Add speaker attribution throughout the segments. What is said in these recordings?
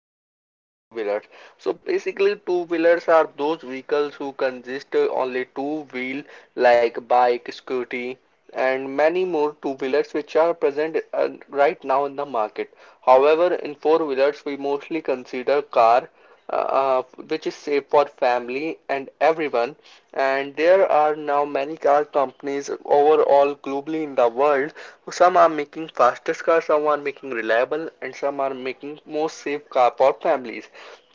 Speaker 1: two-wheelers and four-wheelers. So, basically, two-wheelers are those vehicles who consist only two wheel, like bike, scooty, and many more two-wheelers which are present right now in the market. However, in four-wheelers, we mostly consider car, uh, which is safe for family and everyone. And there are now many car companies overall globally in the world. Some are making fastest cars, some are making reliable, and some are making most safe car for families.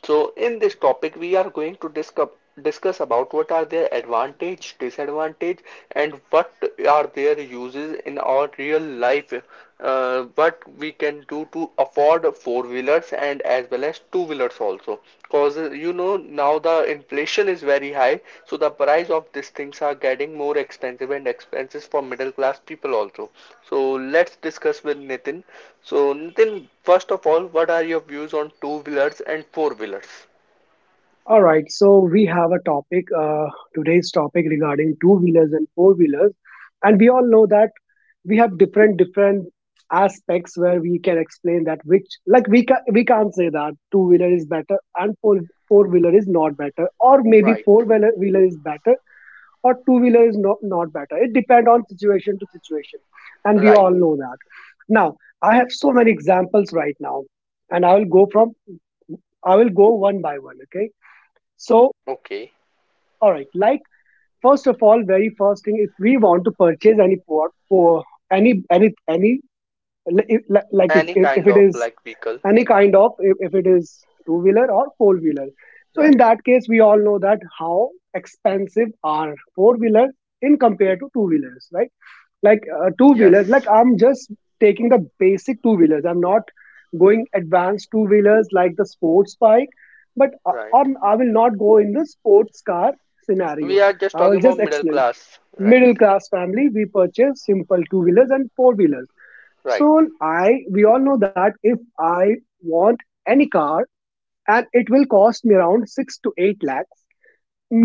Speaker 1: So in this topic, we are going to discuss about what are their advantage, disadvantage, and what are their uses in our real life. What we can do to afford four wheelers and as well as two wheelers also. Cause you know, now the inflation is very high, so the price of these things are getting more expensive and expenses for middle class people also. So let's discuss with Nitin. So Nitin, first of all, what are your views on two wheelers and four wheelers?
Speaker 2: All right, so we have a topic, today's topic regarding two wheelers and four wheelers. And we all know that we have different aspects where we can explain that which, like, we can't say that two wheeler is better and four wheeler is not better, or maybe
Speaker 1: Right,
Speaker 2: four wheeler is better or two wheeler is not better. It depends on situation to situation. And we
Speaker 1: right,
Speaker 2: all know that. Now, I have so many examples right now, and I will go one by one, okay? So
Speaker 1: okay.
Speaker 2: all right. Like first of all, very first thing, if we want to purchase any port for any li- if- li- like if,
Speaker 1: Any
Speaker 2: if, if
Speaker 1: kind
Speaker 2: it
Speaker 1: of
Speaker 2: is
Speaker 1: like vehicle,
Speaker 2: any kind of, if it is two wheeler or four wheeler, so in
Speaker 1: right?
Speaker 2: that case we all know that how expensive are four wheelers in compared to two wheelers, right? Like two wheelers, like
Speaker 1: Yes,
Speaker 2: I'm just taking the basic two wheelers, I'm not going advanced two wheelers like the sports bike, but
Speaker 1: right.
Speaker 2: I will not go in the sports car
Speaker 1: We
Speaker 2: scenario.
Speaker 1: are just
Speaker 2: I will
Speaker 1: talking about
Speaker 2: just
Speaker 1: middle
Speaker 2: explain,
Speaker 1: class, right?
Speaker 2: middle class family, we purchase simple two wheelers and four wheelers.
Speaker 1: Right,
Speaker 2: So I we all know that if I want any car, and it will cost me around 6 to 8 lakhs,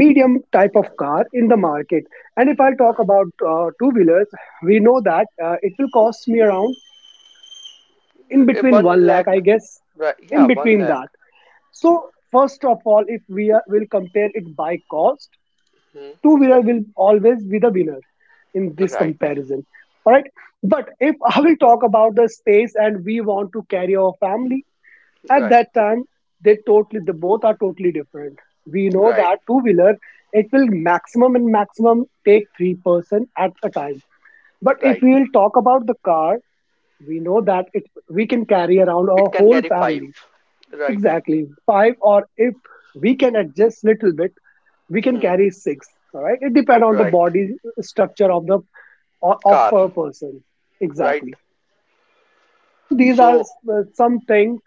Speaker 2: medium type of
Speaker 1: right,
Speaker 2: car in the market. And if I talk
Speaker 1: right.
Speaker 2: about two wheelers, we know that it will cost me around in
Speaker 1: Eh,
Speaker 2: between
Speaker 1: one
Speaker 2: 1 lakh, I
Speaker 1: lakh,
Speaker 2: guess,
Speaker 1: right? Yeah,
Speaker 2: in
Speaker 1: one
Speaker 2: between
Speaker 1: lakh.
Speaker 2: that. So first of all, if we will compare it by cost,
Speaker 1: Hmm.
Speaker 2: two wheeler will always be the winner in this
Speaker 1: Right,
Speaker 2: comparison. All right, but if I will talk about the space and we want to carry our family, at
Speaker 1: right,
Speaker 2: that time the both are totally different. We know
Speaker 1: right,
Speaker 2: that two wheeler, it will maximum and maximum take three person at a time. But if
Speaker 1: right.
Speaker 2: we will talk about the car, we know that it we can carry around our
Speaker 1: It can
Speaker 2: whole
Speaker 1: carry five,
Speaker 2: family.
Speaker 1: right?
Speaker 2: Exactly. Five or, if we can adjust little bit, we can
Speaker 1: Hmm.
Speaker 2: carry six. All right, it depends on the
Speaker 1: Right.
Speaker 2: body structure of
Speaker 1: Car,
Speaker 2: per person.
Speaker 1: right?
Speaker 2: Exactly. So these are
Speaker 1: So,
Speaker 2: some things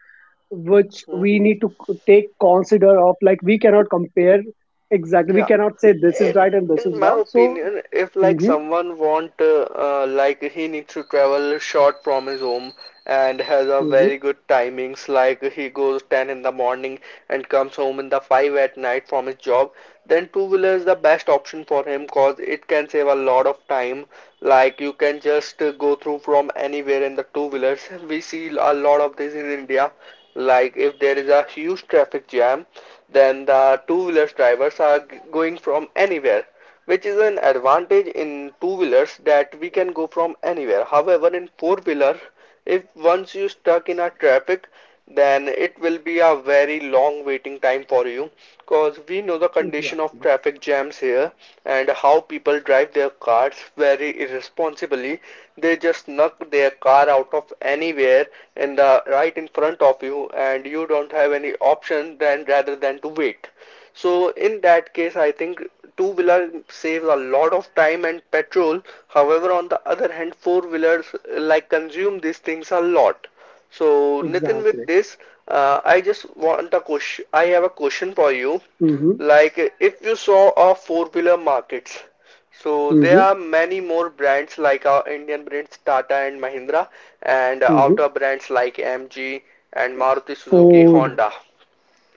Speaker 2: which
Speaker 1: hmm,
Speaker 2: we need to take consider of. Like, we cannot compare. Exactly, we
Speaker 1: yeah,
Speaker 2: cannot say this is
Speaker 1: in
Speaker 2: right and this is
Speaker 1: my
Speaker 2: wrong. So.
Speaker 1: opinion, if like
Speaker 2: Mm-hmm.
Speaker 1: someone want like he needs to travel short from his home and has a
Speaker 2: Mm-hmm.
Speaker 1: very good timings, like he goes 10 in the morning and comes home in the 5 at night from his job, then two-wheeler is the best option for him cause it can save a lot of time. Like you can just go through from anywhere in the two-wheelers. We see a lot of this in India, like if there is a huge traffic jam, then the two-wheelers drivers are going from anywhere, which is an advantage in two-wheelers that we can go from anywhere. However, in four-wheeler, if once you stuck in a traffic, then it will be a very long waiting time for you because we know the condition of
Speaker 2: Exactly.
Speaker 1: traffic jams here and how people drive their cars very irresponsibly, they just knock their car out of anywhere in the right in front of you and you don't have any option than rather than to wait. So in that case, I think two wheeler saves a lot of time and petrol. However, on the other hand, four wheelers like consume these things a lot. So Nitin, with
Speaker 2: Exactly.
Speaker 1: this, I just want a question. I have a question for you.
Speaker 2: Mm-hmm.
Speaker 1: Like if you saw a four wheeler markets, so there
Speaker 2: Mm-hmm.
Speaker 1: are many more brands like our Indian brands Tata and Mahindra, and
Speaker 2: Mm-hmm.
Speaker 1: outer brands like MG and Maruti Suzuki
Speaker 2: Food.
Speaker 1: Honda.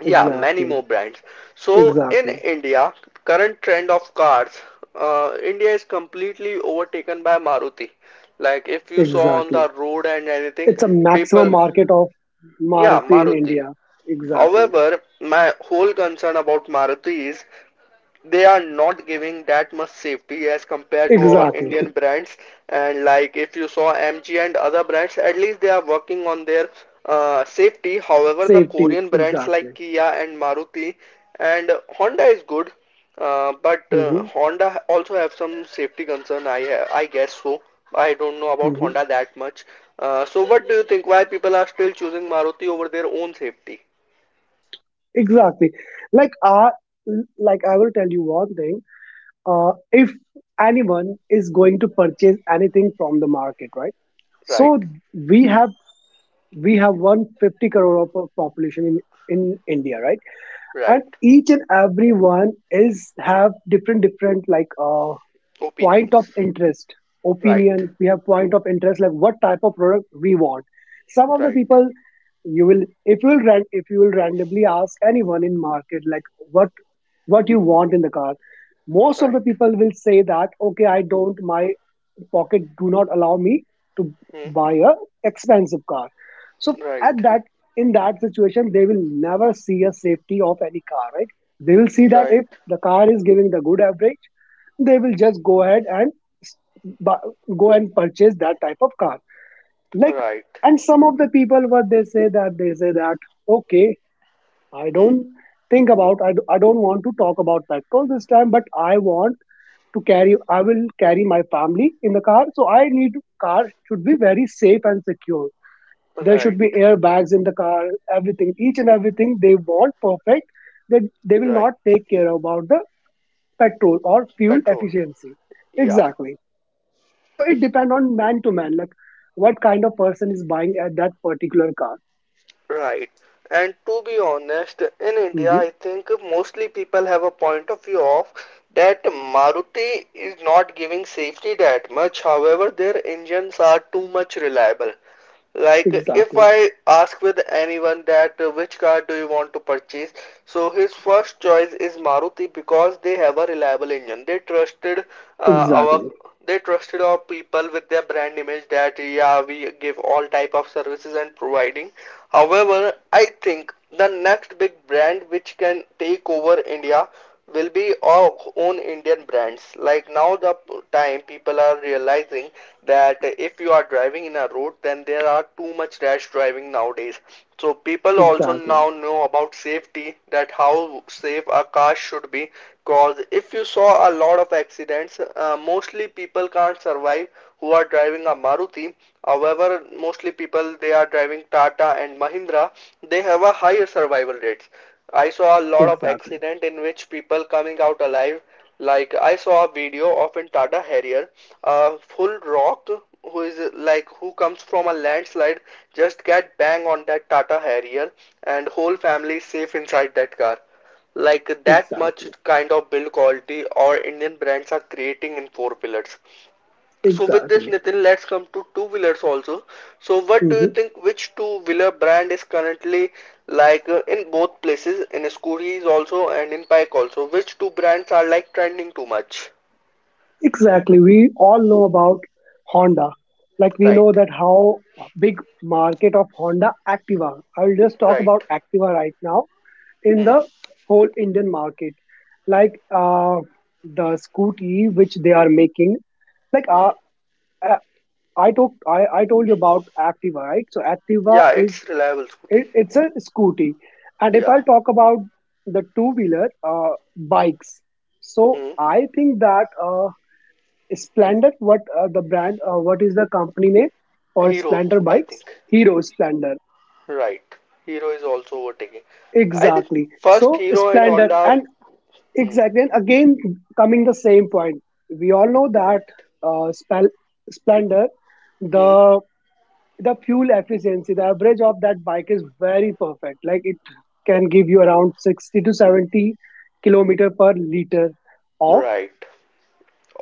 Speaker 1: Yeah, many
Speaker 2: Exactly.
Speaker 1: more brands. So in
Speaker 2: Exactly.
Speaker 1: India, current trend of cars, India is completely overtaken by Maruti. Like if you saw on
Speaker 2: Exactly.
Speaker 1: the road and anything,
Speaker 2: It's a maximum
Speaker 1: people,
Speaker 2: market of
Speaker 1: yeah,
Speaker 2: Maruti in
Speaker 1: Maruti.
Speaker 2: India. Exactly.
Speaker 1: However, my whole concern about Maruti is they are not giving that much safety as compared to our
Speaker 2: Exactly.
Speaker 1: Indian brands. And like if you saw MG and other brands, at least they are working on their safety. However, the
Speaker 2: Safety,
Speaker 1: Korean brands like
Speaker 2: exactly.
Speaker 1: Kia and Maruti and Honda is good, but
Speaker 2: Hmm.
Speaker 1: Honda also have some safety concern. I guess so. I don't know about
Speaker 2: Hmm.
Speaker 1: Honda that much. So what do you think? Why people are still choosing Maruti over their own safety?
Speaker 2: Exactly. Like uh, like I will tell you one thing. If anyone is going to purchase anything from the market, right?
Speaker 1: Right,
Speaker 2: So we have we have 150 crore of a population in India, right?
Speaker 1: right.
Speaker 2: And each and every one is have different like point of
Speaker 1: Opinions.
Speaker 2: interest,
Speaker 1: Right,
Speaker 2: opinion, we have point of interest, like what type of product we want. Some of the
Speaker 1: right.
Speaker 2: people, you will if you will if you will randomly ask anyone in market, like what you want in the car. Most of the
Speaker 1: Right.
Speaker 2: people will say that, okay, I don't my pocket do not allow me to
Speaker 1: Hmm.
Speaker 2: buy a expensive car. So
Speaker 1: Right.
Speaker 2: at that in that situation, they will never see a safety of any car, right? They will see that
Speaker 1: Right.
Speaker 2: if the car is giving the good average, they will just go ahead and s- go and purchase that type of car. Like,
Speaker 1: Right.
Speaker 2: and some of the people, what they say that okay, I
Speaker 1: Hmm.
Speaker 2: don't think about I don't want to talk about petrol this time, but I will carry my family in the car, so I need, car should be very safe and secure. There should
Speaker 1: Right.
Speaker 2: be airbags in the car, everything, each and everything they want perfect. That they will
Speaker 1: Right.
Speaker 2: not take care about the petrol or fuel
Speaker 1: Petrol.
Speaker 2: efficiency.
Speaker 1: Yeah.
Speaker 2: Exactly. So it depends on man to man, like what kind of person is buying at that particular car.
Speaker 1: Right. And to be honest, in India,
Speaker 2: Hmm.
Speaker 1: I think mostly people have a point of view of that Maruti is not giving safety that much. However, their engines are too much reliable. Like if
Speaker 2: Exactly.
Speaker 1: I ask with anyone that which car do you want to purchase, so his first choice is Maruti because they have a reliable engine. They trusted uh, our
Speaker 2: Exactly.
Speaker 1: they trusted our people with their brand image that yeah, we give all type of services and providing. However, I think the next big brand which can take over India will be our own Indian brands. Like now, the time people are realizing that if you are driving in a road, then there are too much rash driving nowadays. So people also
Speaker 2: Exactly.
Speaker 1: now know about safety, that how safe a car should be. Cause if you saw a lot of accidents, mostly people can't survive who are driving a Maruti. However, mostly people they are driving Tata and Mahindra, they have a higher survival rates. I saw a lot of
Speaker 2: Exactly.
Speaker 1: accident in which people coming out alive. Like I saw a video of in Tata Harrier, a full rock who is like who comes from a landslide, just get bang on that Tata Harrier, and whole family safe inside that car. Like that much
Speaker 2: Exactly.
Speaker 1: kind of build quality or Indian brands are creating in four pillars. So with this,
Speaker 2: Exactly.
Speaker 1: Nitin, let's come to two-wheelers also. So what do you
Speaker 2: Hmm.
Speaker 1: think, which two-wheeler brand is currently like in both places, in scooters also and in bike also? Which two brands are like trending too much?
Speaker 2: Exactly. We all know about Honda. Like we
Speaker 1: Right,
Speaker 2: know that how big market of Honda Activa. I will just talk
Speaker 1: right.
Speaker 2: about Activa right now in
Speaker 1: Hmm.
Speaker 2: the whole Indian market. Like the Scooty which they are making. Like
Speaker 1: Hmm.
Speaker 2: uh, I talked. I told you about Activa, right? So Activa
Speaker 1: Yeah, it's reliable scooty.
Speaker 2: it's a scooty. And if
Speaker 1: Yeah.
Speaker 2: I talk about the two wheeler bikes, so
Speaker 1: Hmm.
Speaker 2: I think that Splendor, what the brand, what is the company name, or
Speaker 1: Hero,
Speaker 2: Splendor
Speaker 1: I
Speaker 2: bikes,
Speaker 1: think.
Speaker 2: Hero Splendor.
Speaker 1: Right. Hero is also overtaking. I think
Speaker 2: Exactly.
Speaker 1: first
Speaker 2: So
Speaker 1: Hero and
Speaker 2: Splendor,
Speaker 1: Honda are
Speaker 2: and
Speaker 1: hmm.
Speaker 2: exactly, and again coming the same point. We all know that
Speaker 1: Right.
Speaker 2: uh, Spel- Splendor,
Speaker 1: Hmm.
Speaker 2: the the fuel efficiency, the average of that bike is very perfect. Like it can give you around 60 to 70 kilometer per liter of
Speaker 1: Right.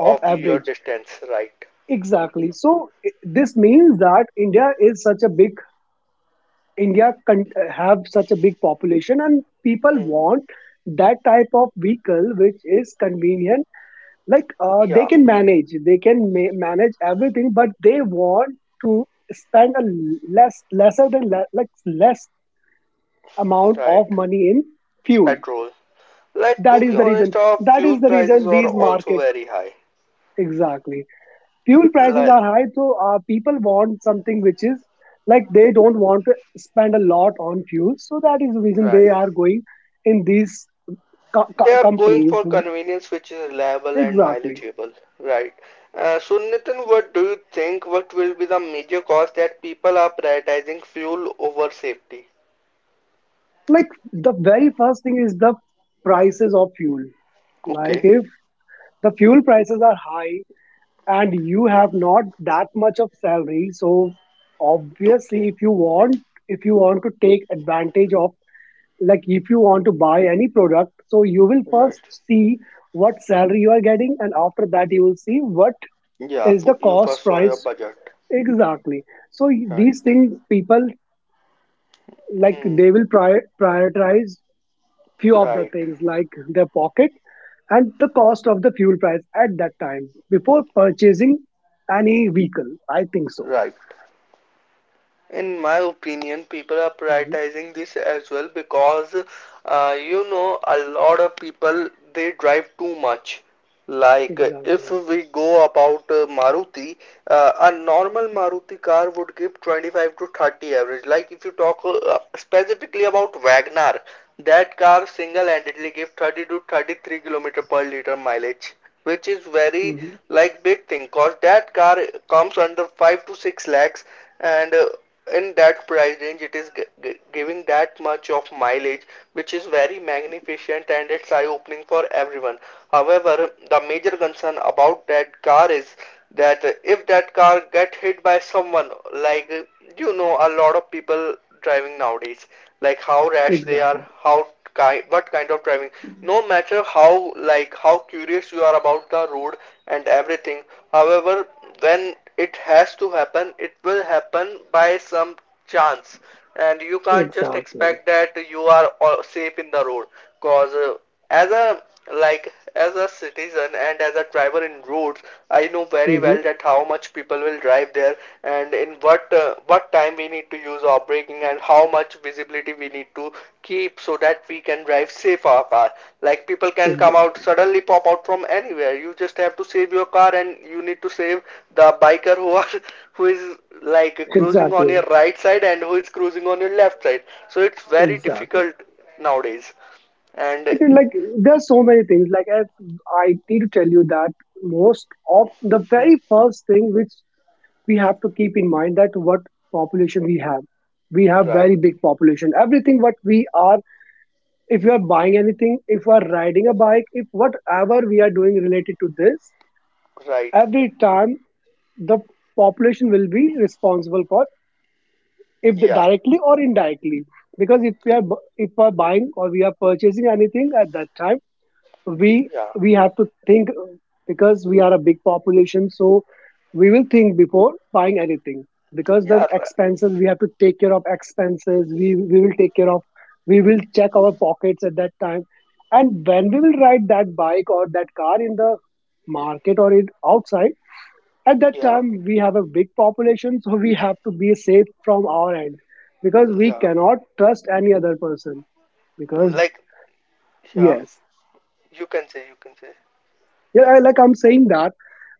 Speaker 2: of
Speaker 1: your
Speaker 2: average.
Speaker 1: distance, right.
Speaker 2: Exactly. So this means that India can have such a big population and people
Speaker 1: Hmm.
Speaker 2: want that type of vehicle which is convenient. Like they
Speaker 1: Yeah,
Speaker 2: can manage, they can ma- manage everything, but they want to spend a l- less lesser than le- like less amount of
Speaker 1: right.
Speaker 2: money in fuel.
Speaker 1: Petrol. Like to
Speaker 2: That is
Speaker 1: be
Speaker 2: the reason.
Speaker 1: honest, our
Speaker 2: That
Speaker 1: fuel
Speaker 2: is the
Speaker 1: prices
Speaker 2: reason
Speaker 1: are
Speaker 2: these
Speaker 1: also
Speaker 2: market.
Speaker 1: very high.
Speaker 2: Exactly. Fuel prices
Speaker 1: Like,
Speaker 2: are high, so people want something which is, like, they don't want to spend a lot on fuel. So that is the reason they
Speaker 1: right.
Speaker 2: are going in these
Speaker 1: They are going for
Speaker 2: companies.
Speaker 1: convenience which is reliable and
Speaker 2: Exactly.
Speaker 1: mileageable. Right. So Nitin, what do you think? What will be the major cause that people are prioritizing fuel over safety?
Speaker 2: Like the very first thing is the prices of fuel. Like
Speaker 1: Okay.
Speaker 2: if the fuel prices are high, and you have not that much of salary, so
Speaker 1: Okay.
Speaker 2: obviously, if you want to take advantage of, like, if you want to buy any product, so you will first
Speaker 1: Right.
Speaker 2: see what salary you are getting, and after that you will see what
Speaker 1: Yeah.
Speaker 2: is the
Speaker 1: fu- You
Speaker 2: cost
Speaker 1: first saw your
Speaker 2: price.
Speaker 1: budget.
Speaker 2: Exactly. So
Speaker 1: Right.
Speaker 2: these things, people, like,
Speaker 1: Hmm.
Speaker 2: they will prioritize few of the
Speaker 1: Right.
Speaker 2: things, like their pocket and the cost of the fuel price at that time before purchasing any vehicle, I think so.
Speaker 1: Right. In my opinion, people are
Speaker 2: Hmm.
Speaker 1: prioritizing this as well because you know, a lot of people they drive too much. Like uh, if
Speaker 2: Exactly.
Speaker 1: we go about uh, Maruti, a normal Maruti car would give 25 to 30 average. Like if you talk specifically about Wagner, that car single-handedly give 30 to 33 kilometer per liter mileage, which is very
Speaker 2: Hmm.
Speaker 1: like big thing. Cause that car comes under 5 to 6 lakhs and in that price range it is giving that much of mileage, which is very magnificent and it's eye opening for everyone. However, the major concern about that car is that if that car get hit by someone, like you know, a lot of people driving nowadays, like how rash they are,
Speaker 2: Exactly.
Speaker 1: how what kind of driving, no matter how like how curious you are about the road and everything. However, when it has to happen, it will happen by some chance, and you can't just
Speaker 2: Exactly.
Speaker 1: expect that you are safe in the road because as a like as a citizen and as a driver in roads, I know very
Speaker 2: Hmm.
Speaker 1: well that how much people will drive there and in what time we need to use our braking and how much visibility we need to keep so that we can drive safe our car. Like people can come out
Speaker 2: Exactly.
Speaker 1: suddenly pop out from anywhere, you just have to save your car and you need to save the biker who are who is like cruising on your
Speaker 2: Exactly.
Speaker 1: right side and who is cruising on your left side. So it's very
Speaker 2: Exactly.
Speaker 1: difficult nowadays. And
Speaker 2: Like, there are so many things. Like, as I need to tell you that most of the very first thing which we have to keep in mind, that what population we have. We have very
Speaker 1: right,
Speaker 2: big population. Everything what we are, if you are buying anything, if you are riding a bike, if whatever we are doing related to this,
Speaker 1: right.
Speaker 2: every time the population will be responsible for, if the,
Speaker 1: Yeah,
Speaker 2: directly or indirectly, because if we are if we are buying or we are purchasing anything at that time, we
Speaker 1: yeah,
Speaker 2: we have to think, because we are a big population, so we will think before buying anything, because the
Speaker 1: yeah, right.
Speaker 2: expenses we have to take care of, expenses we will take care of. We will check our pockets at that time. And when we will ride that bike or that car in the market or it outside, at that
Speaker 1: Yeah,
Speaker 2: time we have a big population, so we have to be safe from our end, because we
Speaker 1: yeah.
Speaker 2: cannot trust any other person. Because
Speaker 1: Like, yeah,
Speaker 2: yes.
Speaker 1: you can say, you can say.
Speaker 2: Yeah, like I'm saying that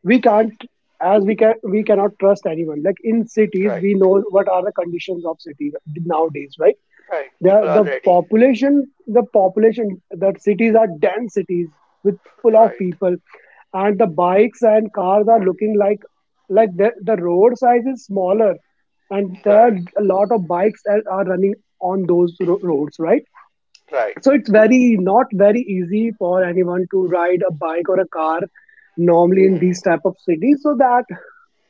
Speaker 2: we
Speaker 1: Hmm.
Speaker 2: can't, as we can we cannot trust anyone, like in cities,
Speaker 1: Right,
Speaker 2: we know what are the conditions of cities nowadays, right?
Speaker 1: right.
Speaker 2: the
Speaker 1: People are
Speaker 2: the
Speaker 1: ready.
Speaker 2: population, that cities are dense cities with full of
Speaker 1: Right,
Speaker 2: people, and the bikes and cars are looking like, the road size is smaller, and there are
Speaker 1: right,
Speaker 2: a lot of bikes that are running on those roads, right?
Speaker 1: right.
Speaker 2: So it's very, not very easy for anyone to ride a bike or a car normally in these
Speaker 1: Hmm.
Speaker 2: type of cities. So that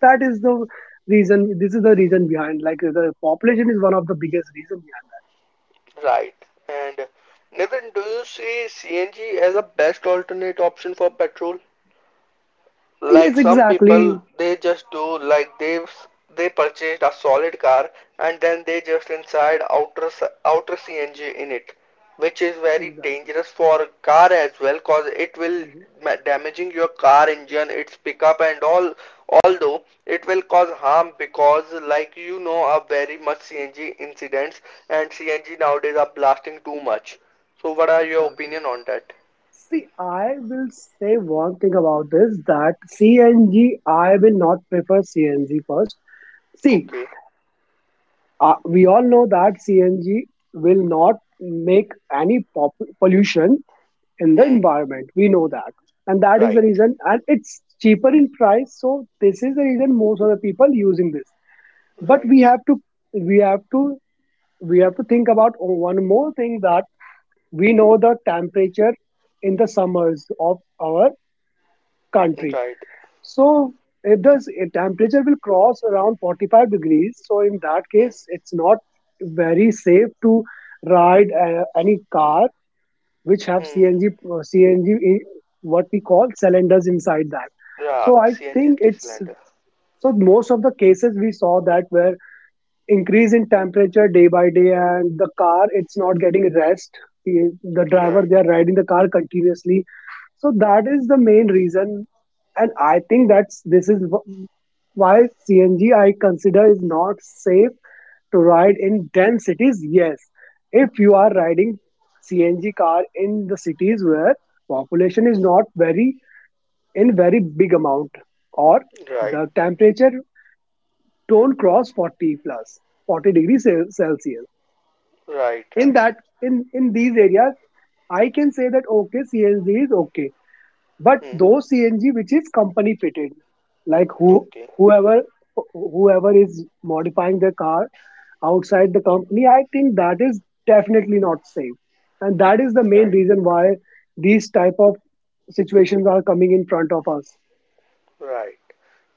Speaker 2: that is the reason this is the reason behind, like the population is one of the biggest reason behind
Speaker 1: Right. And Nathan, do you see CNG as a best alternate option for petrol?
Speaker 2: that.
Speaker 1: Like
Speaker 2: Yes,
Speaker 1: some people,
Speaker 2: exactly.
Speaker 1: they just do like they purchased a solid car and then they just inside outer CNG in it, which is very
Speaker 2: Exactly.
Speaker 1: dangerous for car as well, cause it will
Speaker 2: Mhm.
Speaker 1: damaging your car engine, its pickup and all. Although it will cause
Speaker 2: Mhm.
Speaker 1: harm because, like you know, are very much CNG incidents, and CNG nowadays are blasting too much. So, what are your
Speaker 2: Exactly.
Speaker 1: opinion on that?
Speaker 2: See, I will say one thing about this, that CNG, I will not prefer CNG first. See,
Speaker 1: Okay.
Speaker 2: we all know that CNG will not make any pollution in the
Speaker 1: Hmm.
Speaker 2: environment, we know that, and that is the
Speaker 1: Right.
Speaker 2: reason, and it's cheaper in price, so this is the reason most of the people using this. But
Speaker 1: Right.
Speaker 2: we have to we have to think about one more thing, that we know the temperature in the summers of our country.
Speaker 1: Right.
Speaker 2: So if the s- if temperature will cross around 45 degrees, so in that
Speaker 1: Hmm.
Speaker 2: case it's not very safe to ride any car which have
Speaker 1: Hmm.
Speaker 2: CNG, uh, cng what we call cylinders inside that.
Speaker 1: Yeah,
Speaker 2: So I
Speaker 1: CNG
Speaker 2: think
Speaker 1: is
Speaker 2: it's
Speaker 1: cylinder.
Speaker 2: so most of the cases we saw, that where increase in temperature day by day, and the car it's not getting rest, the the driver,
Speaker 1: Right.
Speaker 2: they are riding the car continuously. So that is the main reason. And I think that's this is why CNG I consider is not safe to ride in dense cities, yes. If you are riding CNG car in the cities where population is not very, in very big amount, or
Speaker 1: Right.
Speaker 2: the temperature don't cross 40 plus 40 degrees Celsius,
Speaker 1: Right.
Speaker 2: in
Speaker 1: Right.
Speaker 2: that, in these areas, I can say that, okay, CNG is okay. But
Speaker 1: Hmm.
Speaker 2: those CNG which is company fitted, like
Speaker 1: Okay.
Speaker 2: whoever whoever is modifying the car outside the company, I think that is definitely not safe. And that is the main
Speaker 1: Right.
Speaker 2: reason why these type of situations are coming in front of us.
Speaker 1: Right.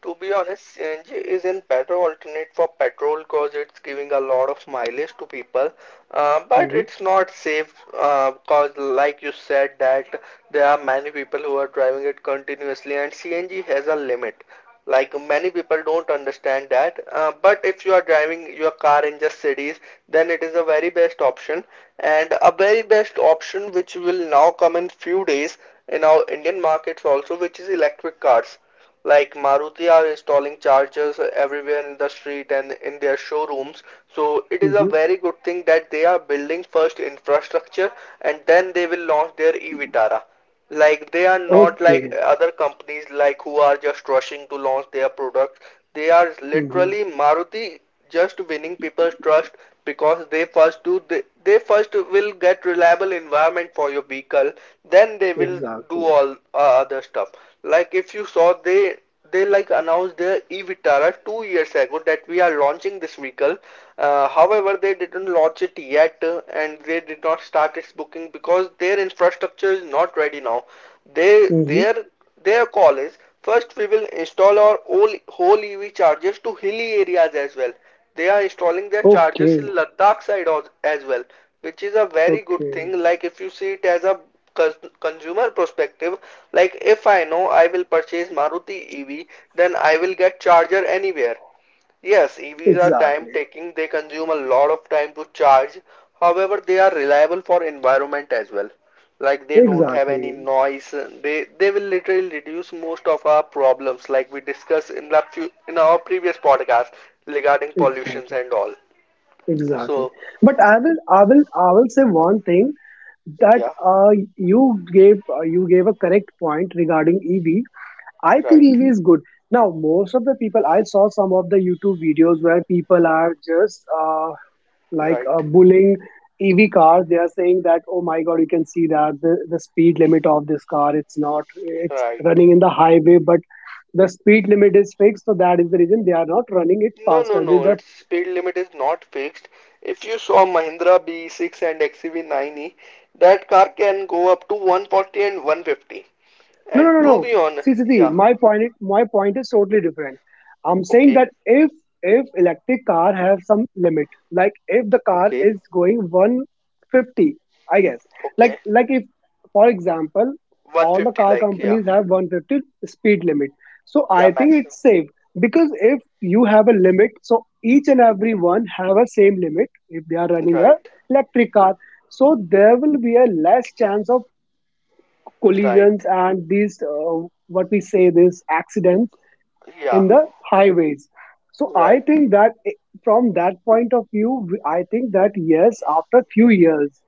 Speaker 1: To be honest, CNG is in better alternate for petrol because it's giving a lot of mileage to people, but
Speaker 2: Hmm.
Speaker 1: it's not safe because, like you said, that there are many people who are driving it continuously, and CNG has a limit. Like many people don't understand that, but if you are driving your car in just cities, then it is a very best option, and a very best option which will now come in few days in our Indian markets also, which is electric cars, like Maruti are installing chargers everywhere in the street and in their showrooms. So it is a
Speaker 2: Hmm.
Speaker 1: very good thing that they are building first infrastructure and then they will launch their e-Vitara. Like they are not
Speaker 2: Okay.
Speaker 1: like other companies like who are just rushing to launch their products. They are
Speaker 2: Hmm.
Speaker 1: literally Maruti, just winning people's trust, because they first will get reliable environment for your vehicle, then they will do
Speaker 2: Exactly.
Speaker 1: all other stuff. Like if you saw they like announced their e-Vitara 2 years ago that we are launching this vehicle. However, they didn't launch it yet, and they did not start its booking because their infrastructure is not ready now. They,
Speaker 2: Hmm.
Speaker 1: their, their call is first we will install our whole EV chargers to hilly areas as well. They are installing their chargers in
Speaker 2: Okay.
Speaker 1: Ladakh side as well, which is a very good
Speaker 2: Okay.
Speaker 1: thing. Like if you see it as a consumer perspective, like if I know I will purchase Maruti EV, then I will get charger anywhere. Yes, EVs are time
Speaker 2: Exactly.
Speaker 1: taking. They consume a lot of time to charge. However, they are reliable for environment as well. Like they don't have any
Speaker 2: Exactly.
Speaker 1: noise. They will literally reduce most of our problems, like we discussed in our previous podcast regarding pollutions
Speaker 2: Exactly.
Speaker 1: and all.
Speaker 2: Exactly.
Speaker 1: So
Speaker 2: But I will say one thing that
Speaker 1: yeah.
Speaker 2: you gave a correct point regarding EV. I think
Speaker 1: Right.
Speaker 2: EV is good. Now, most of the people, I saw some of the YouTube videos where people are just like,
Speaker 1: Right.
Speaker 2: bullying EV cars. They are saying that, oh my God, you can see that the speed limit of this car, it's not, it's
Speaker 1: Right.
Speaker 2: running in the highway, but the speed limit is fixed. So that is the reason they are not running it
Speaker 1: No, no,
Speaker 2: faster.
Speaker 1: no.
Speaker 2: The
Speaker 1: Its speed limit is not fixed. If you saw Mahindra B6 and XUV9e, that car can go up to 140 and 150.
Speaker 2: No, no,
Speaker 1: And
Speaker 2: no,
Speaker 1: to
Speaker 2: no.
Speaker 1: be honest,
Speaker 2: See, see, see.
Speaker 1: yeah.
Speaker 2: My point, my point is totally different. I'm saying
Speaker 1: Okay.
Speaker 2: that if electric car have some limit, like if the car
Speaker 1: Okay.
Speaker 2: is going 150, I guess,
Speaker 1: Okay.
Speaker 2: like if, for example, all the
Speaker 1: 150,
Speaker 2: car
Speaker 1: like, yeah.
Speaker 2: companies have 150 speed limit. So
Speaker 1: Yeah,
Speaker 2: I think
Speaker 1: maximum.
Speaker 2: it's safe, because if you have a limit, so each and every one have a same limit if they are running a
Speaker 1: Right.
Speaker 2: electric car. So there will be a less chance of
Speaker 1: Right.
Speaker 2: collisions and these, what we say, these accidents
Speaker 1: Yeah.
Speaker 2: in the highways. So I
Speaker 1: Right.
Speaker 2: think that, from that point of view, I think that, yes, after few years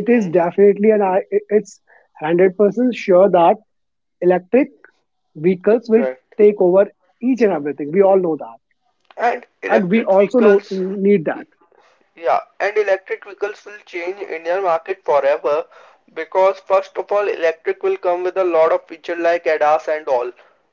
Speaker 2: it is
Speaker 1: Hmm.
Speaker 2: definitely, and I, it's 100% sure that electric vehicles will
Speaker 1: Right.
Speaker 2: take over each and everything, we all know that.
Speaker 1: And
Speaker 2: And we
Speaker 1: electric
Speaker 2: also know
Speaker 1: vehicles,
Speaker 2: need that.
Speaker 1: Yeah, and electric vehicles will change Indian market forever because first of all, electric will come with a lot of feature like ADAS and all,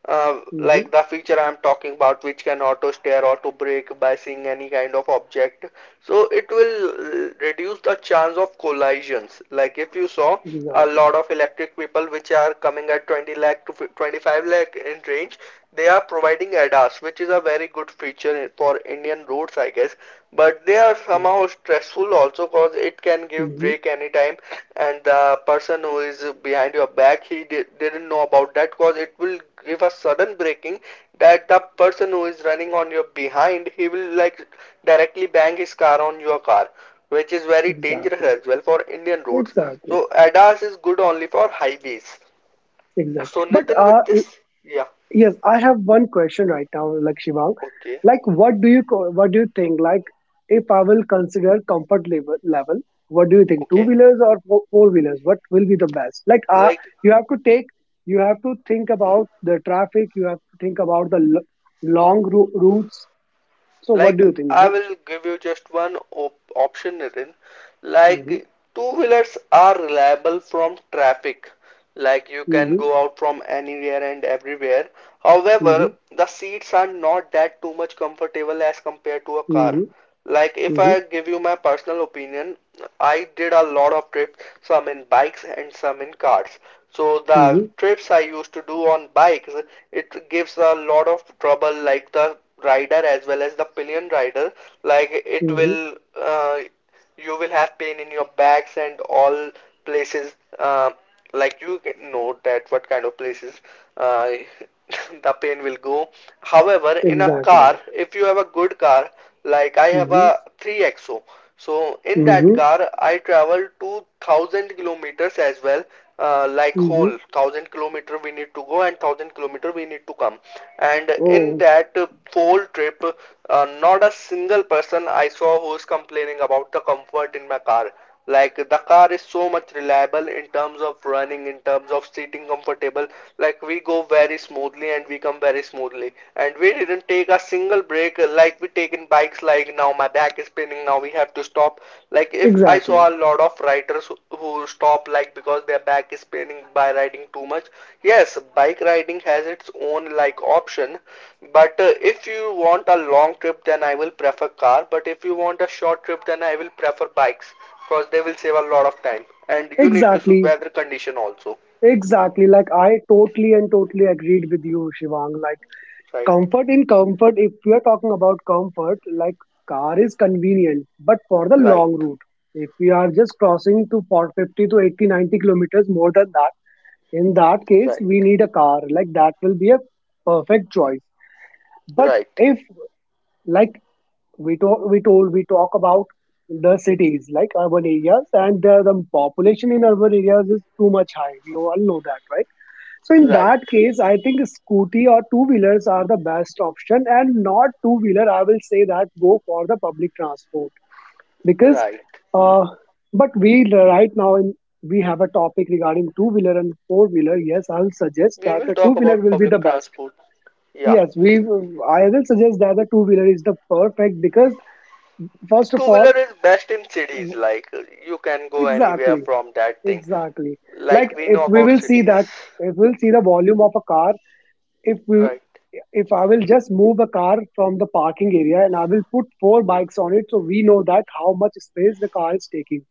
Speaker 1: like
Speaker 2: Hmm.
Speaker 1: the feature I'm talking about, which can auto steer, auto brake by seeing any kind of object. So it will reduce the chance of collisions. Like if you saw a
Speaker 2: Exactly.
Speaker 1: lot of electric people which are coming at 20 lakh to 25 lakh in range, they are providing ADAS, which is a very good feature for Indian roads, I guess. But they are somehow stressful also because it can give
Speaker 2: Hmm.
Speaker 1: brake anytime, and the person who is behind your back didn't know about that because it will give a sudden braking that the person who is running on your behind he will like directly bang his car on your car, which is very dangerous
Speaker 2: Exactly.
Speaker 1: as well for Indian roads.
Speaker 2: Exactly.
Speaker 1: So ADAS is good only for highways.
Speaker 2: Exactly.
Speaker 1: So
Speaker 2: but
Speaker 1: Nitin, with this, yeah.
Speaker 2: Yes, I have one question right now, like, Shivang.
Speaker 1: Okay.
Speaker 2: Like, what do you what do you think? Like, if I will consider comfort level, what do you think? Two
Speaker 1: Okay.
Speaker 2: wheelers or four wheelers? What will be the best? Like,
Speaker 1: like
Speaker 2: you have to take, you have to think about the traffic. You have to think about the long routes. So, what
Speaker 1: Like
Speaker 2: do you think?
Speaker 1: I
Speaker 2: Which?
Speaker 1: will give you just one op option, Nitin.
Speaker 2: Hmm.
Speaker 1: Like two-wheelers are reliable from traffic. Like you can
Speaker 2: Hmm.
Speaker 1: go out from anywhere and everywhere.
Speaker 2: Hmm.
Speaker 1: However, the seats are not that too much comfortable as compared to a car.
Speaker 2: Hmm.
Speaker 1: Like if
Speaker 2: Hmm.
Speaker 1: I give you my personal opinion, I did a lot of trips, some in bikes and some in cars. So the
Speaker 2: Hmm.
Speaker 1: trips I used to do on bikes, it gives a lot of trouble, like the rider as well as the pillion rider. Like
Speaker 2: Hmm.
Speaker 1: you will have pain in your backs and all places. Like you get know that what kind of places, uh, the pain will go. However, in a car,
Speaker 2: Exactly.
Speaker 1: if you have a good car, like I have
Speaker 2: Hmm.
Speaker 1: a 3XO, so in that
Speaker 2: Hmm.
Speaker 1: car I travel 2000 kilometers as well, like whole
Speaker 2: Hmm.
Speaker 1: 1000 kilometer we need to go and 1000 kilometer we need to come. And in
Speaker 2: Oh,
Speaker 1: that whole trip, not a single person I saw who is complaining about the comfort in my car. Like the car is so much reliable in terms of running, in terms of sitting comfortable. Like we go very smoothly and we come very smoothly. And we didn't take a single break, like we take in bikes. Like now my back is spinning. Now we have to stop. Like if I
Speaker 2: exactly.
Speaker 1: saw a lot of riders who stop like because their back is spinning by riding too much. Yes, bike riding has its own like option. But if you want a long trip, then I will prefer car. But if you want a short trip, then I will prefer bikes because they will save a lot of time, and you need to see
Speaker 2: Exactly.
Speaker 1: weather condition also.
Speaker 2: Exactly. Like, I totally and totally agreed with you, Shivang. Like,
Speaker 1: Right.
Speaker 2: comfort, if we are talking about comfort, like, car is convenient, but for the
Speaker 1: Right.
Speaker 2: long route, if we are just crossing to 450 to 80, 90 kilometers more than that, in that case,
Speaker 1: Right.
Speaker 2: we need a car. Like, that will be a perfect choice. But
Speaker 1: Right.
Speaker 2: if, like, we talk about the cities, like, urban areas, and the population in urban areas is too much high, we all know that, right? So in
Speaker 1: Right.
Speaker 2: that case, I think scooty or two wheelers are the best option, and not two wheeler, I will say that go for the public transport, because,
Speaker 1: Right.
Speaker 2: uh, but we right now in, we have a topic regarding two wheeler and four wheeler, yes, I will suggest
Speaker 1: We
Speaker 2: that
Speaker 1: will
Speaker 2: the two
Speaker 1: talk
Speaker 2: wheeler
Speaker 1: about
Speaker 2: will be the
Speaker 1: public
Speaker 2: best.
Speaker 1: transport. Yeah.
Speaker 2: Yes, we. I will suggest that the two wheeler is the perfect because first of
Speaker 1: Two
Speaker 2: all,
Speaker 1: wheeler is best in cities,
Speaker 2: w-
Speaker 1: like you can go anywhere
Speaker 2: exactly,
Speaker 1: from that thing,
Speaker 2: exactly. Like,
Speaker 1: like we
Speaker 2: if
Speaker 1: know
Speaker 2: we
Speaker 1: about
Speaker 2: will see
Speaker 1: cities.
Speaker 2: that, if we'll see the volume of a car, if we,
Speaker 1: Right.
Speaker 2: if I will just move a car from the parking area and I will put four bikes on it, so we know that how much space the car is taking.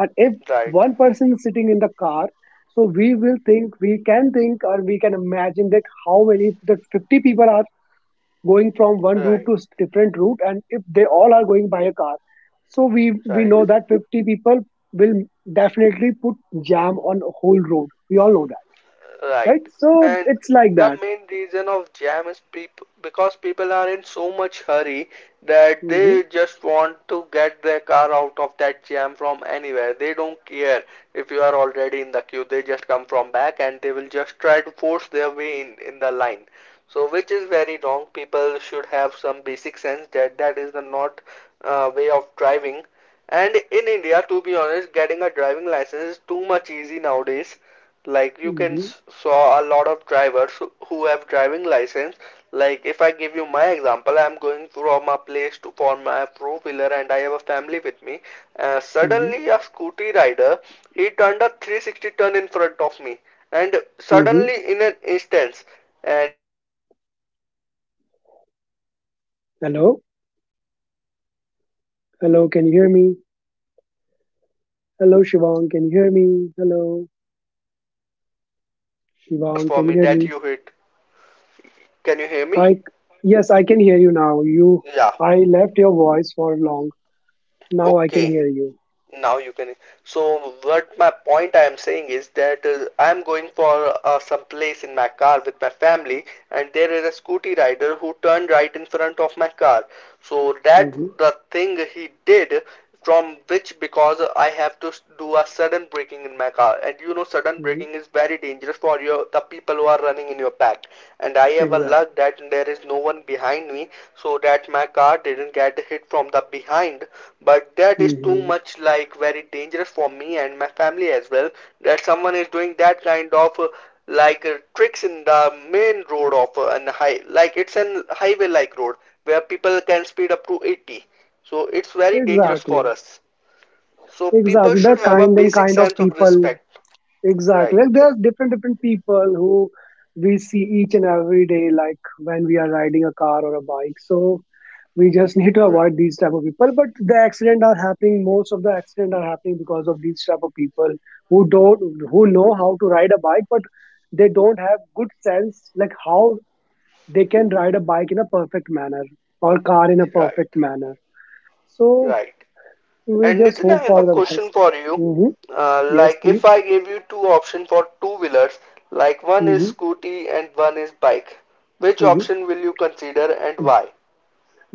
Speaker 2: And if
Speaker 1: Right.
Speaker 2: one person is sitting in the car, so we will think, we can think, or we can imagine that how many that 50 people are going from one route
Speaker 1: Right.
Speaker 2: to different route, and if they all are going by a car, so we
Speaker 1: Right.
Speaker 2: know that 50 people will definitely put jam on a whole road, we all know that,
Speaker 1: Right.
Speaker 2: right? So
Speaker 1: And
Speaker 2: it's like
Speaker 1: the
Speaker 2: that.
Speaker 1: main reason of jam is people because people are in so much hurry that
Speaker 2: Hmm.
Speaker 1: they just want to get their car out of that jam from anywhere. They don't care if you are already in the queue. They just come from back and they will just try to force their way in the line. So which is very wrong. People should have some basic sense that that is the not way of driving. And in India, to be honest, getting a driving license is too much easy nowadays. Like you can
Speaker 2: Hmm.
Speaker 1: saw a lot of drivers who have driving license. Like if I give you my example, I'm going from a place to for my four wheeler, and I have a family with me.
Speaker 2: Hmm.
Speaker 1: Suddenly, a scooty rider, he turned a 360 turn in front of me, and
Speaker 2: Hmm.
Speaker 1: suddenly in an instance, and the like my best lu my best luck is
Speaker 2: hello
Speaker 1: that there is no one behind me. I
Speaker 2: hello
Speaker 1: have
Speaker 2: can
Speaker 1: to
Speaker 2: you
Speaker 1: do
Speaker 2: hear me?
Speaker 1: sudden braking in that place, cause you know
Speaker 2: Hello,
Speaker 1: if my
Speaker 2: Shivang, can you
Speaker 1: car
Speaker 2: hear
Speaker 1: just
Speaker 2: me?
Speaker 1: hit that
Speaker 2: Hello,
Speaker 1: scooty rider, then there will be too much chaos
Speaker 2: Shivang,
Speaker 1: for
Speaker 2: can you
Speaker 1: me
Speaker 2: hear me?
Speaker 1: that you hit. Can you hear me?
Speaker 2: I Yes, I can hear you now. You
Speaker 1: Yeah.
Speaker 2: I left your voice for long. Now I can
Speaker 1: Okay.
Speaker 2: hear you.
Speaker 1: Now you can. So what my point, I am saying is that, I am going for, some place in my car with my family, and there is a scooty rider who turned right in front of my car, so that
Speaker 2: Hmm.
Speaker 1: the thing he did, from which, because I have to do a sudden braking in my car, and you know sudden
Speaker 2: Hmm.
Speaker 1: braking is very dangerous for your the people who are running in your pack. And I have a
Speaker 2: Exactly.
Speaker 1: luck that there is no one behind me, so that my car didn't get hit from the behind. But that is too
Speaker 2: Hmm.
Speaker 1: much like very dangerous for me and my family as well, that someone is doing that kind of like tricks in the main road of an high like it's an highway like road where people can speed up to 80. So it's very dangerous
Speaker 2: Exactly.
Speaker 1: for us. So people
Speaker 2: Exactly, the
Speaker 1: should have a
Speaker 2: kind and
Speaker 1: basic
Speaker 2: kind of
Speaker 1: sense of
Speaker 2: people.
Speaker 1: respect. Right.
Speaker 2: Exactly, like, there's different different people who we see each and every day, like when we are riding a car or a bike. So we just need to
Speaker 1: Right.
Speaker 2: avoid these type of people. But the accident are happening. Most of the accident are happening because of these type of people who don't who know how to ride a bike, but they don't have good sense, like how they can ride a bike in a perfect manner or car in a
Speaker 1: Right.
Speaker 2: perfect manner. So
Speaker 1: Right.
Speaker 2: we
Speaker 1: And
Speaker 2: just
Speaker 1: Nitin,
Speaker 2: hope
Speaker 1: I have
Speaker 2: for
Speaker 1: a
Speaker 2: the
Speaker 1: question
Speaker 2: best.
Speaker 1: for you.
Speaker 2: Hmm. Yes,
Speaker 1: Like if
Speaker 2: please.
Speaker 1: I gave you two options for two wheelers, like one is
Speaker 2: Hmm.
Speaker 1: scooty and one is bike, which
Speaker 2: Hmm.
Speaker 1: option will you consider and why?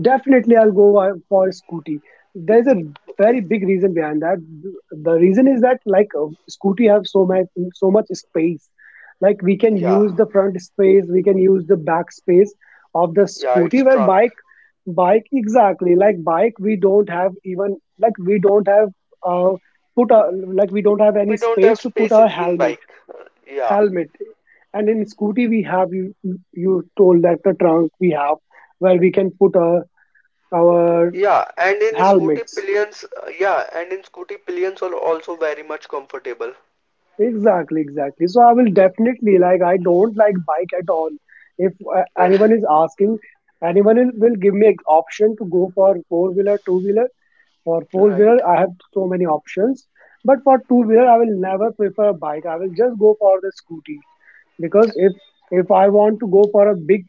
Speaker 2: Definitely, I'll go, for Scooty. There's a
Speaker 1: Okay.
Speaker 2: very big reason behind that. The reason is that, like, Scooty have so much space. Like, we can
Speaker 1: Yeah,
Speaker 2: use the front space, we can use the back space of the
Speaker 1: yeah,
Speaker 2: Scooty.
Speaker 1: it's
Speaker 2: Where
Speaker 1: trunk.
Speaker 2: bike, exactly, like bike, we don't have, even, like, we don't have, uh put a like, we don't have any
Speaker 1: We don't
Speaker 2: space
Speaker 1: have
Speaker 2: to put our
Speaker 1: spaces in
Speaker 2: helmet,
Speaker 1: bike. Yeah,
Speaker 2: helmet and in Scooty we have, you told that the trunk we have where we can put our our
Speaker 1: yeah, and in scooty
Speaker 2: helmets.
Speaker 1: pillions, yeah, and in scooty pillions are also very much comfortable.
Speaker 2: Exactly, exactly. So I will definitely, like, I don't like bike at all. If, anyone is asking, anyone will give me an option to go for four wheeler, two wheeler, for four wheeler
Speaker 1: Right.
Speaker 2: I have so many options. But for two wheeler I will never prefer a bike, I will just go for the scooty,
Speaker 1: Yeah,
Speaker 2: because if I want to go for a big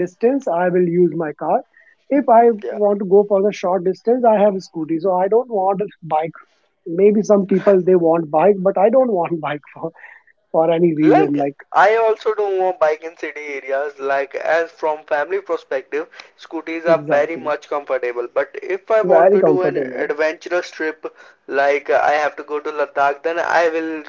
Speaker 2: distance, I will use my car. If I
Speaker 1: yeah.
Speaker 2: want to go for the short distance, I have a scooty, so I don't want a bike. Maybe some people they want bike, but I don't want bike for any reason,
Speaker 1: Like
Speaker 2: like.
Speaker 1: I also don't want bike in city areas. Like as from family perspective, scooters are very
Speaker 2: Exactly.
Speaker 1: much comfortable. But if I want
Speaker 2: Very
Speaker 1: to do an
Speaker 2: comfortable.
Speaker 1: adventurous trip, like, I have to go to Ladakh, then I will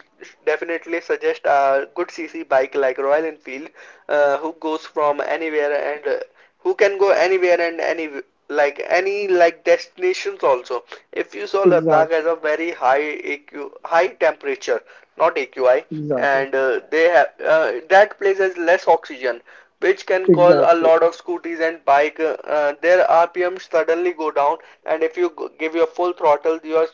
Speaker 1: definitely suggest a good CC bike like Royal Enfield, who goes from anywhere and who can go anywhere and any destinations also. If you saw Ladakh
Speaker 2: Exactly.
Speaker 1: has a very high AQ, high temperature, not AQI,
Speaker 2: Exactly.
Speaker 1: and they have, that place has less oxygen, which can cause a
Speaker 2: Exactly.
Speaker 1: lot of scooters and bike. Their RPM suddenly go down, and if you give your full throttle, your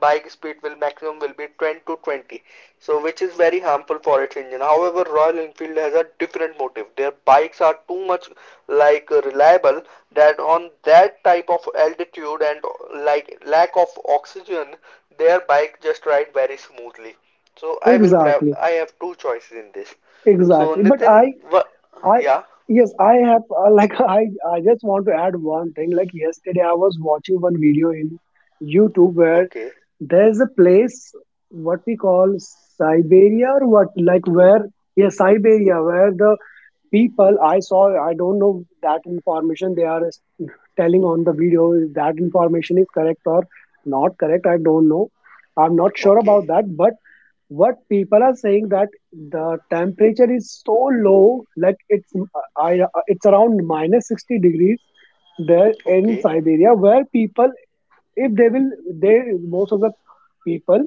Speaker 1: bike speed will maximum will be 10 to 20, so which is very harmful for its engine. However, Royal Enfield has a different motive. Their bikes are too much like, reliable, that on that type of altitude and like lack of oxygen, their bike just ride very smoothly. So i will
Speaker 2: Exactly.
Speaker 1: i have two choices in this. So
Speaker 2: Exactly. But
Speaker 1: Nitin,
Speaker 2: i
Speaker 1: what.
Speaker 2: i
Speaker 1: Yeah.
Speaker 2: Yes, I have, like, I just want to add one thing, like yesterday I was watching one video in YouTube where
Speaker 1: Okay.
Speaker 2: there's a place what we call Siberia, or what, like, where, yeah, Siberia, where the people, I saw, I don't know that information they are telling on the video, if that information is correct or not correct, I don't know, I'm not sure about
Speaker 1: Okay.
Speaker 2: that, but what people are saying that the temperature is so low, like, I it's around minus 60 degrees there in
Speaker 1: Okay.
Speaker 2: Siberia, where people, if they will, they most of the people,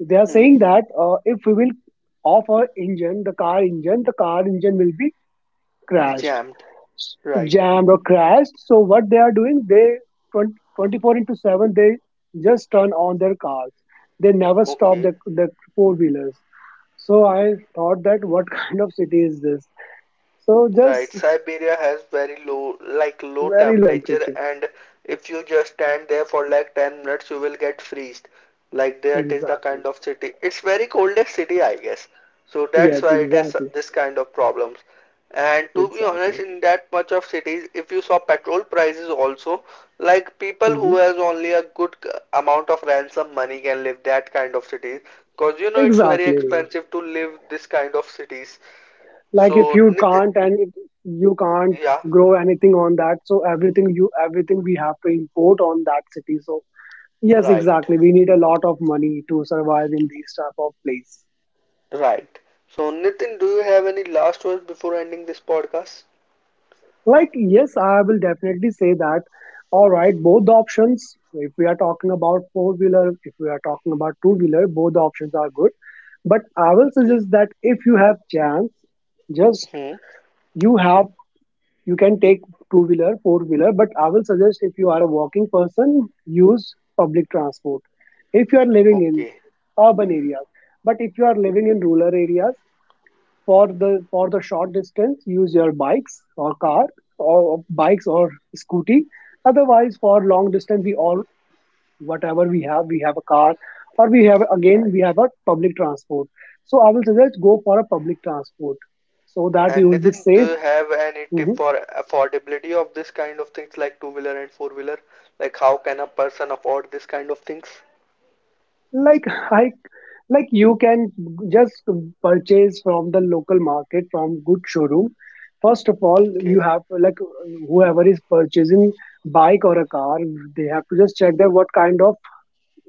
Speaker 2: they are saying
Speaker 1: Hmm.
Speaker 2: that, if we will off our engine, the car engine, will be crashed,
Speaker 1: Jammed. Right.
Speaker 2: jammed or crashed. So what they are doing, they 20, 24 into 7, they just turn on their cars. They never stop
Speaker 1: Okay,
Speaker 2: the, four wheelers. So I thought that what kind of city is this? So
Speaker 1: right.
Speaker 2: just
Speaker 1: Siberia has very low, like low
Speaker 2: very low
Speaker 1: temperature,
Speaker 2: temperature.
Speaker 1: and if you just stand there for like 10 minutes, you will get freezed. Like that is the kind
Speaker 2: Exactly.
Speaker 1: of city. It's very coldest city, I guess. So that's
Speaker 2: Yes,
Speaker 1: why it has
Speaker 2: exactly.
Speaker 1: this kind of problems. And to be honest,
Speaker 2: Exactly.
Speaker 1: in that much of cities, if you saw petrol prices also, like people
Speaker 2: Hmm.
Speaker 1: who has only a good amount of ransom money can live that kind of cities. Cause you know it's very
Speaker 2: Exactly.
Speaker 1: expensive to live this kind of cities.
Speaker 2: Like, if
Speaker 1: So
Speaker 2: you
Speaker 1: Nitin,
Speaker 2: can't, and it, you can't
Speaker 1: yeah.
Speaker 2: grow anything on that, so everything you, everything we have to import on that city. So yes,
Speaker 1: Right.
Speaker 2: exactly, we need a lot of money to survive in these type of place.
Speaker 1: Right. So Nitin, do you have any last words before ending this podcast?
Speaker 2: Like, yes, I will definitely say that, all right, both the options, if we are talking about four wheeler, if we are talking about two wheeler, both the options are good. But I will
Speaker 1: Okay.
Speaker 2: suggest that if you have chance, just,
Speaker 1: Hmm.
Speaker 2: you have, you can take two wheeler, four wheeler. But I will suggest if you are a walking person, use public transport if you are living in
Speaker 1: Okay.
Speaker 2: urban areas, but if you are living in rural areas, for the short distance, use your bikes or car, or bikes or scooty. Otherwise, for long distance, we all, whatever we have, we have a car, or we have, again, we
Speaker 1: Right.
Speaker 2: have a public transport. So I will suggest, go for a public transport, so that you
Speaker 1: And
Speaker 2: will be
Speaker 1: Nitin, do
Speaker 2: safe.
Speaker 1: you have any tip
Speaker 2: Mhm.
Speaker 1: for affordability of this kind of things like two-wheeler and four-wheeler? Like how can a person afford this kind of things?
Speaker 2: Like, I like, you can just purchase from the local market, from good showroom. First of all,
Speaker 1: Okay.
Speaker 2: you have to, like, whoever is purchasing bike or a car, they have to just check that what kind of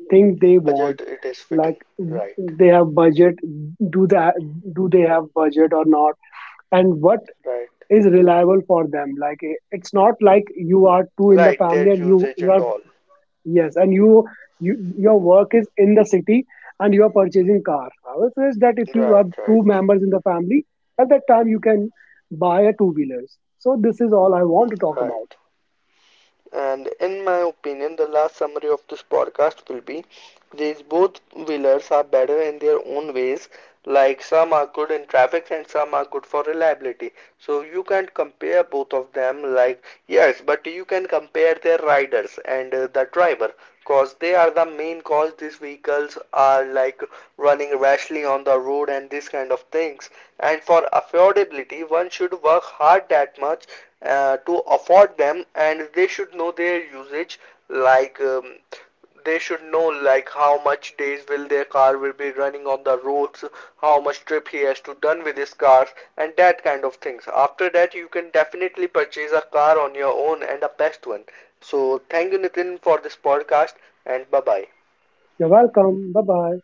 Speaker 2: thing they want,
Speaker 1: Budget it is fitting.
Speaker 2: like,
Speaker 1: Right.
Speaker 2: they have budget, do that, do they have budget or not, and what
Speaker 1: Right.
Speaker 2: is reliable for them. Like, it's not like you are two in the
Speaker 1: Right.
Speaker 2: family
Speaker 1: Their
Speaker 2: and you
Speaker 1: usage
Speaker 2: you
Speaker 1: and
Speaker 2: are,
Speaker 1: all.
Speaker 2: yes, and you your work is in the city and you are purchasing car. However, says that if you
Speaker 1: Right.
Speaker 2: are
Speaker 1: Right.
Speaker 2: two members in the family, at that time you can buy a two wheelers. So this is all I want to talk about.
Speaker 1: Right. And in my opinion, the last summary of this podcast will be these both wheelers are better in their own ways. Like some are good in traffic and some are good for reliability. So you can't compare both of them, like, yes, but you can compare their riders and the driver, cause they are the main cause these vehicles are like running rashly on the road and food and these kind of things. And for affordability, one should work hard that much, to afford them, and they should know their usage. Like, they should know like how much days will their car will be running on the roads, how much trip he has to done with his car, and that kind of things. After that, you can definitely purchase a car on your own and a best one. So thank you, Nitin, for this podcast, and bye bye.
Speaker 2: You're welcome. Bye bye.